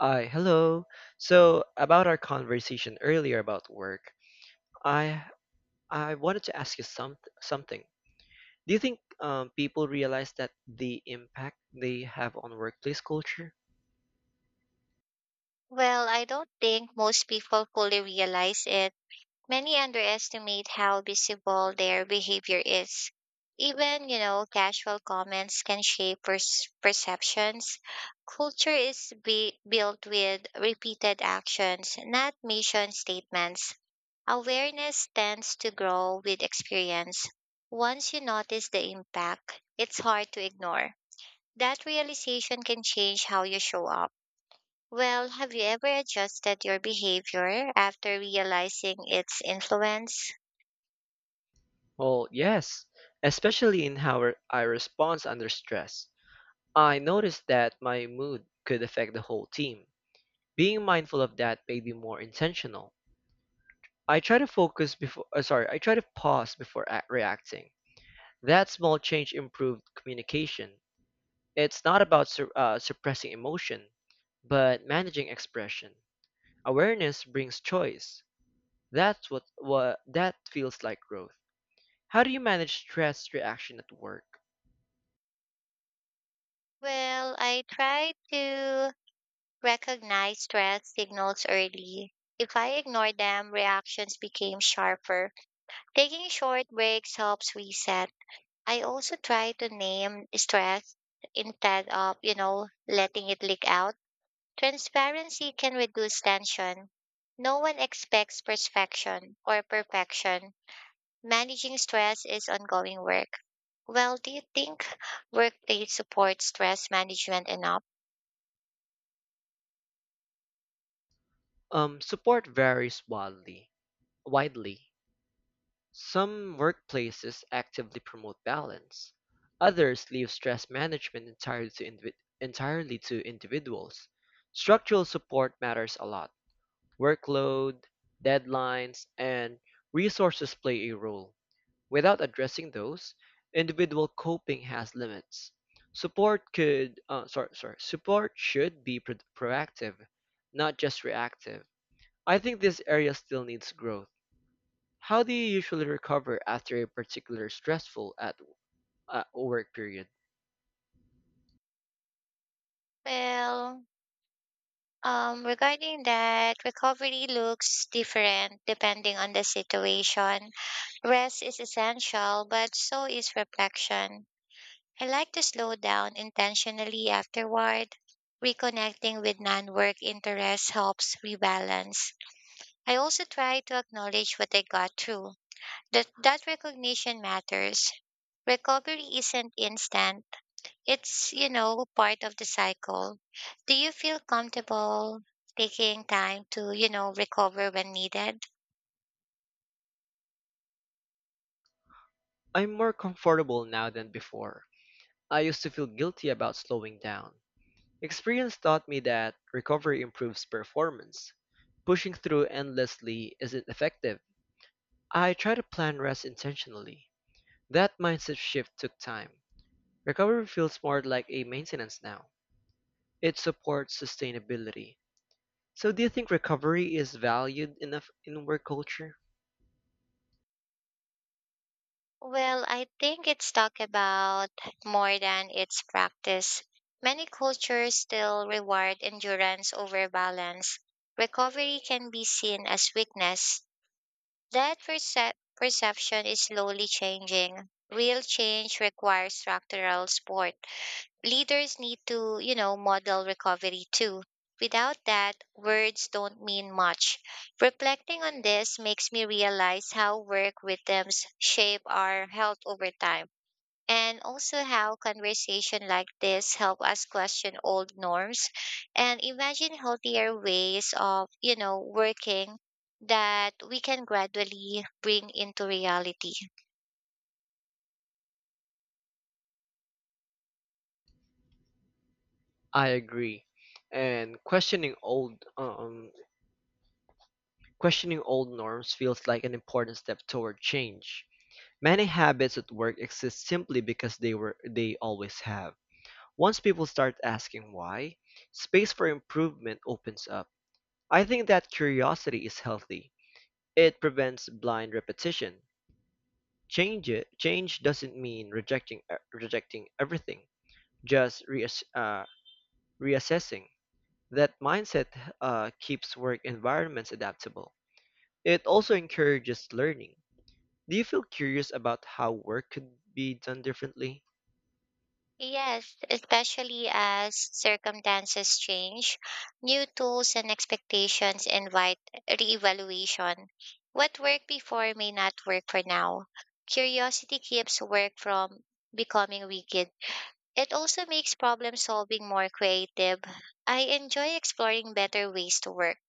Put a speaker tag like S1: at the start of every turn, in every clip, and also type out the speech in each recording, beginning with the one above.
S1: Hi, hello. So about our conversation earlier about work, I I wanted to ask you something. Do you think people realize that the impact they have on workplace culture?
S2: Well, I don't think most people fully realize it. Many underestimate how visible their behavior is. Even, you know, casual comments can shape perceptions. Culture is built with repeated actions, not mission statements. Awareness tends to grow with experience. Once you notice the impact, it's hard to ignore. That realization can change how you show up. Well, have you ever adjusted your behavior after realizing its influence?
S1: Well, yes, especially in how I respond under stress. I noticed that my mood could affect the whole team. Being mindful of that made me more intentional. I try to I try to pause before reacting. That small change improved communication. It's not about suppressing emotion, but managing expression. Awareness brings choice. What that feels like growth. How do you manage stress reaction at work?
S2: Well, I try to recognize stress signals early. If I ignore them, reactions became sharper. Taking short breaks helps reset. I also try to name stress instead of, you know, letting it leak out. Transparency can reduce tension. No one expects perfection. Managing stress is ongoing work. Well, do you think workplace supports stress management enough?
S1: Support varies widely. Some workplaces actively promote balance. Others leave stress management entirely to individuals. Structural support matters a lot. Workload, deadlines, and resources play a role. Without addressing those, individual coping has limits. Support could, sorry, sorry, Support should be proactive, not just reactive. I think this area still needs growth. How do you usually recover after a particular at work period?
S2: Well, regarding that, recovery looks different depending on the situation. Rest is essential, but so is reflection. I like to slow down intentionally afterward. Reconnecting with non work interests helps rebalance. I also try to acknowledge what I got through. That recognition matters. Recovery isn't instant. It's, you know, part of the cycle. Do you feel comfortable taking time to, you know, recover when needed?
S1: I'm more comfortable now than before. I used to feel guilty about slowing down. Experience taught me that recovery improves performance. Pushing through endlessly isn't effective. I try to plan rest intentionally. That mindset shift took time. Recovery feels more like a maintenance now. It supports sustainability. So do you think recovery is valued enough in work culture?
S2: Well, I think it's talk about more than its practice. Many cultures still reward endurance over balance. Recovery can be seen as weakness. That perception is slowly changing. Real change requires structural support. Leaders need to, you know, model recovery too. Without that, words don't mean much. Reflecting on this makes me realize how work rhythms shape our health over time, and also how conversation like this help us question old norms and imagine healthier ways of, you know, working that we can gradually bring into reality.
S1: I agree. And questioning old norms feels like an important step toward change. Many habits at work exist simply because they always have. Once people start asking why, space for improvement opens up. I think that curiosity is healthy. It prevents blind repetition. Change doesn't mean rejecting everything, just reassessing. That mindset keeps work environments adaptable. It also encourages learning. Do you feel curious about how work could be done differently?
S2: Yes, especially as circumstances change, new tools and expectations invite reevaluation. What worked before may not work for now. Curiosity keeps work from becoming rigid. It also makes problem solving more creative. I enjoy exploring better ways to work.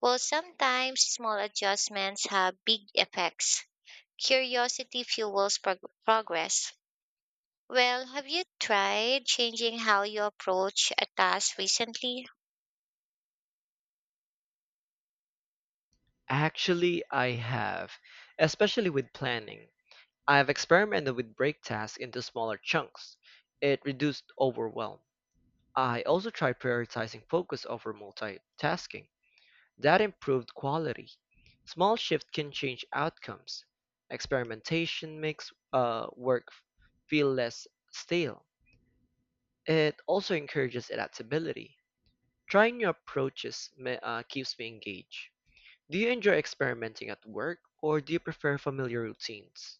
S2: While sometimes small adjustments have big effects, curiosity fuels progress. Well, have you tried changing how you approach a task recently?
S1: Actually, I have, especially with planning. I've experimented with break tasks into smaller chunks. It reduced overwhelm. I also try prioritizing focus over multitasking. That improved quality. Small shift can change outcomes. Experimentation makes work feel less stale. It also encourages adaptability. Trying new keeps me engaged. Do you enjoy experimenting at work, or do you prefer familiar routines?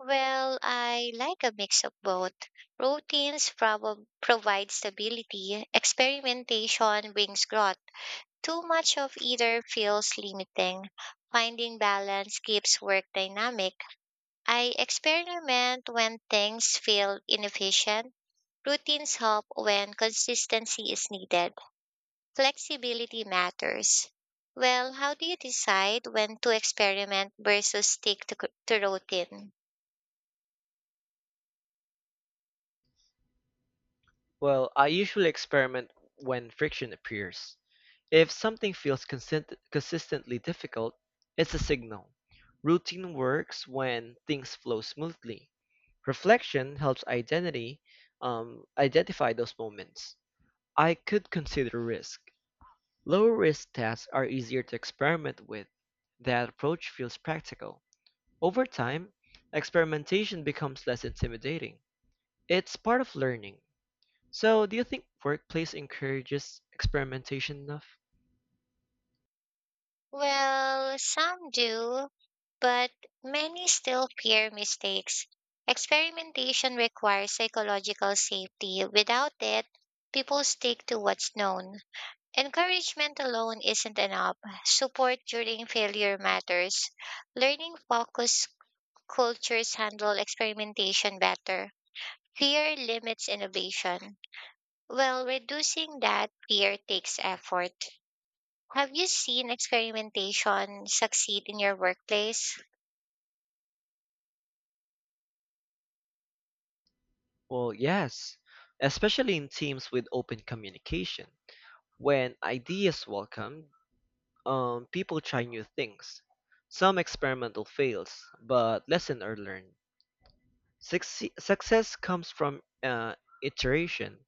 S2: Well, I like a mix of both. Routines provide stability, experimentation brings growth. Too much of either feels limiting. Finding balance keeps work dynamic. I experiment when things feel inefficient. Routines help when consistency is needed. Flexibility matters. Well, how do you decide when to experiment versus stick to routine?
S1: Well, I usually experiment when friction appears. If something feels consistently difficult, it's a signal. Routine works when things flow smoothly. Reflection helps identity identify those moments. I could consider risk. Lower risk tasks are easier to experiment with. That approach feels practical. Over time, experimentation becomes less intimidating. It's part of learning. So, do you think workplace encourages experimentation enough?
S2: Well, some do, but many still fear mistakes. Experimentation requires psychological safety. Without it, people stick to what's known. Encouragement alone isn't enough. Support during failure matters. Learning focused cultures handle experimentation better. Fear limits innovation. Well, reducing that fear takes effort. Have you seen experimentation succeed in your workplace?
S1: Well, yes, especially in teams with open communication. When ideas welcome, people try new things. Some experimental fails, but lessons are learned. Success comes from iteration.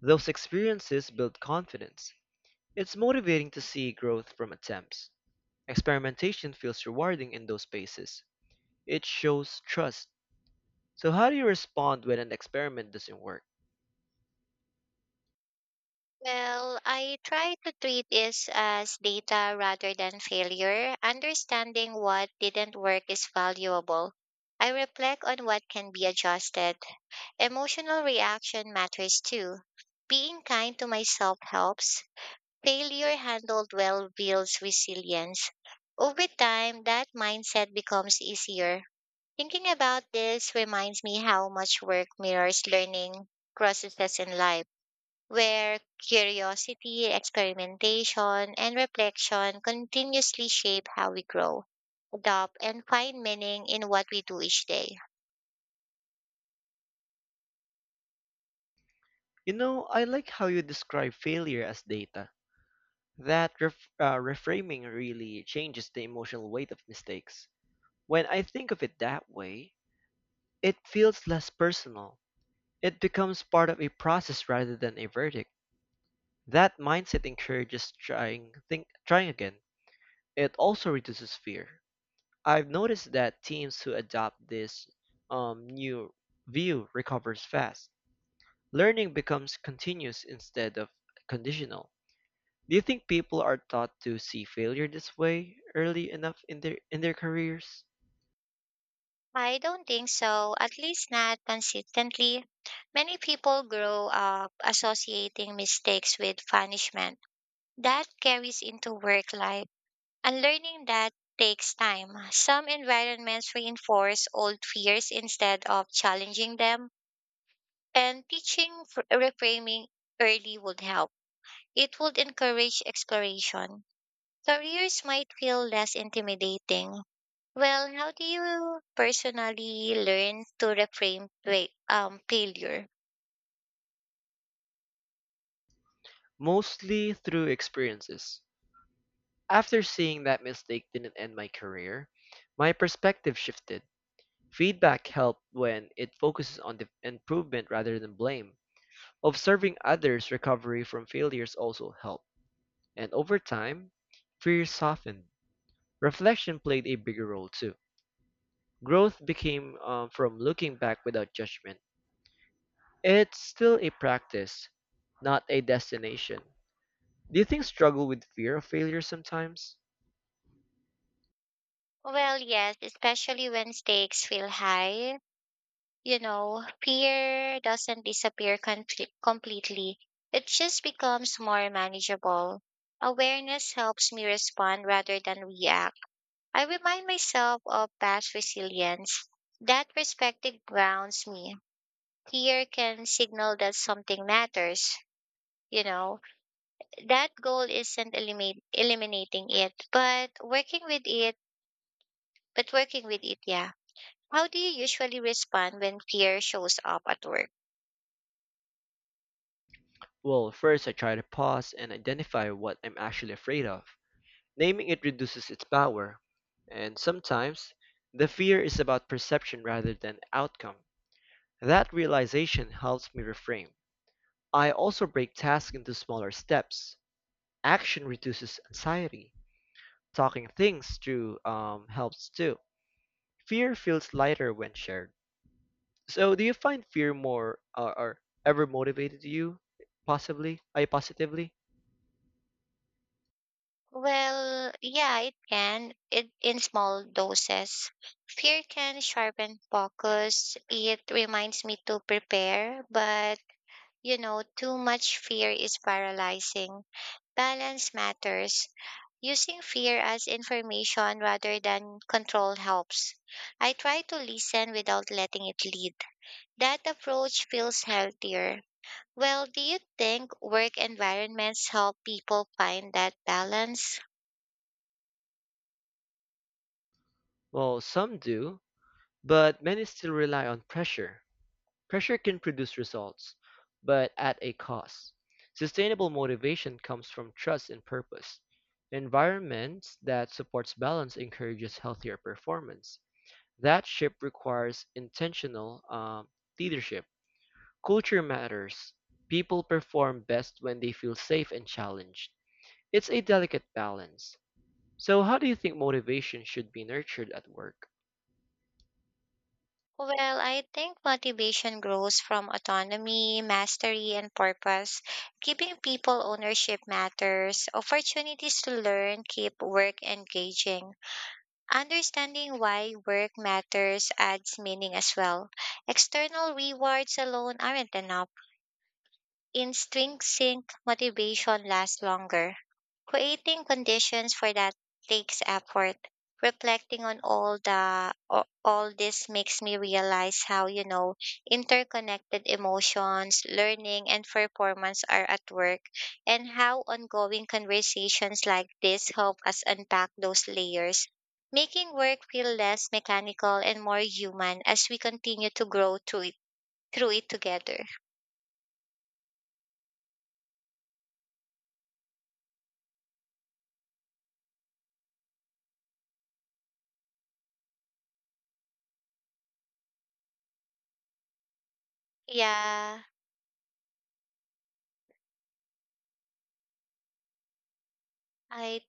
S1: Those experiences build confidence. It's motivating to see growth from attempts. Experimentation feels rewarding in those spaces. It shows trust. So how do you respond when an experiment doesn't work?
S2: Well, I try to treat this as data rather than failure. Understanding what didn't work is valuable. I reflect on what can be adjusted. Emotional reaction matters too. Being kind to myself helps. Failure handled well builds resilience. Over time, that mindset becomes easier. Thinking about this reminds me how much work mirrors learning processes in life, where curiosity, experimentation, and reflection continuously shape how we grow, adopt, and find meaning in what we do each day?
S1: You know, I like how you describe failure as data. That reframing really changes the emotional weight of mistakes. When I think of it that way, it feels less personal. It becomes part of a process rather than a verdict. That mindset encourages trying again. It also reduces fear. I've noticed that teams who adopt this new view recovers fast. Learning becomes continuous instead of conditional. Do you think people are taught to see failure this way early enough in their careers?
S2: I don't think so, at least not consistently. Many people grow up associating mistakes with punishment. That carries into work life, and learning that takes time. Some environments reinforce old fears instead of challenging them. And teaching reframing early would help. It would encourage exploration. Careers might feel less intimidating. Well, how do you personally learn to reframe failure?
S1: Mostly through experiences. After seeing that mistake didn't end my career, my perspective shifted. Feedback helped when it focuses on the improvement rather than blame. Observing others' recovery from failures also helped. And over time, fear softened. Reflection played a bigger role too. Growth became from looking back without judgment. It's still a practice, not a destination. Do you think struggle with fear of failure sometimes?
S2: Well, yes, especially when stakes feel high. You know, fear doesn't disappear completely, it just becomes more manageable. Awareness helps me respond rather than react. I remind myself of past resilience. That perspective grounds me. Fear can signal that something matters. You know, that goal isn't eliminating it, but working with it, yeah. How do you usually respond when fear shows up at work?
S1: Well, first I try to pause and identify what I'm actually afraid of. Naming it reduces its power, and sometimes the fear is about perception rather than outcome. That realization helps me reframe. I also break tasks into smaller steps. Action reduces anxiety. Talking things through helps too. Fear feels lighter when shared. So, do you find fear or ever motivated you? Possibly? I positively?
S2: Well, yeah, it can. It in small doses. Fear can sharpen focus. It reminds me to prepare, but you know, too much fear is paralyzing. Balance matters. Using fear as information rather than control helps. I try to listen without letting it lead. That approach feels healthier. Well, do you think work environments help people find that balance?
S1: Well, some do, but many still rely on pressure. Pressure can produce results, but at a cost. Sustainable motivation comes from trust and purpose. Environments that supports balance encourages healthier performance. That shift requires intentional leadership. Culture matters. People perform best when they feel safe and challenged. It's a delicate balance. So, how do you think motivation should be nurtured at work?
S2: Well, I think motivation grows from autonomy, mastery, and purpose. Giving people ownership matters, opportunities to learn keep work engaging. Understanding why work matters adds meaning as well. External rewards alone aren't enough. Instinct sync motivation lasts longer. Creating conditions for that takes effort. Reflecting on all this makes me realize how, you know, interconnected emotions, learning, and performance are at work, and how ongoing conversations like this help us unpack those layers, making work feel less mechanical and more human as we continue to grow through it together. Yeah, I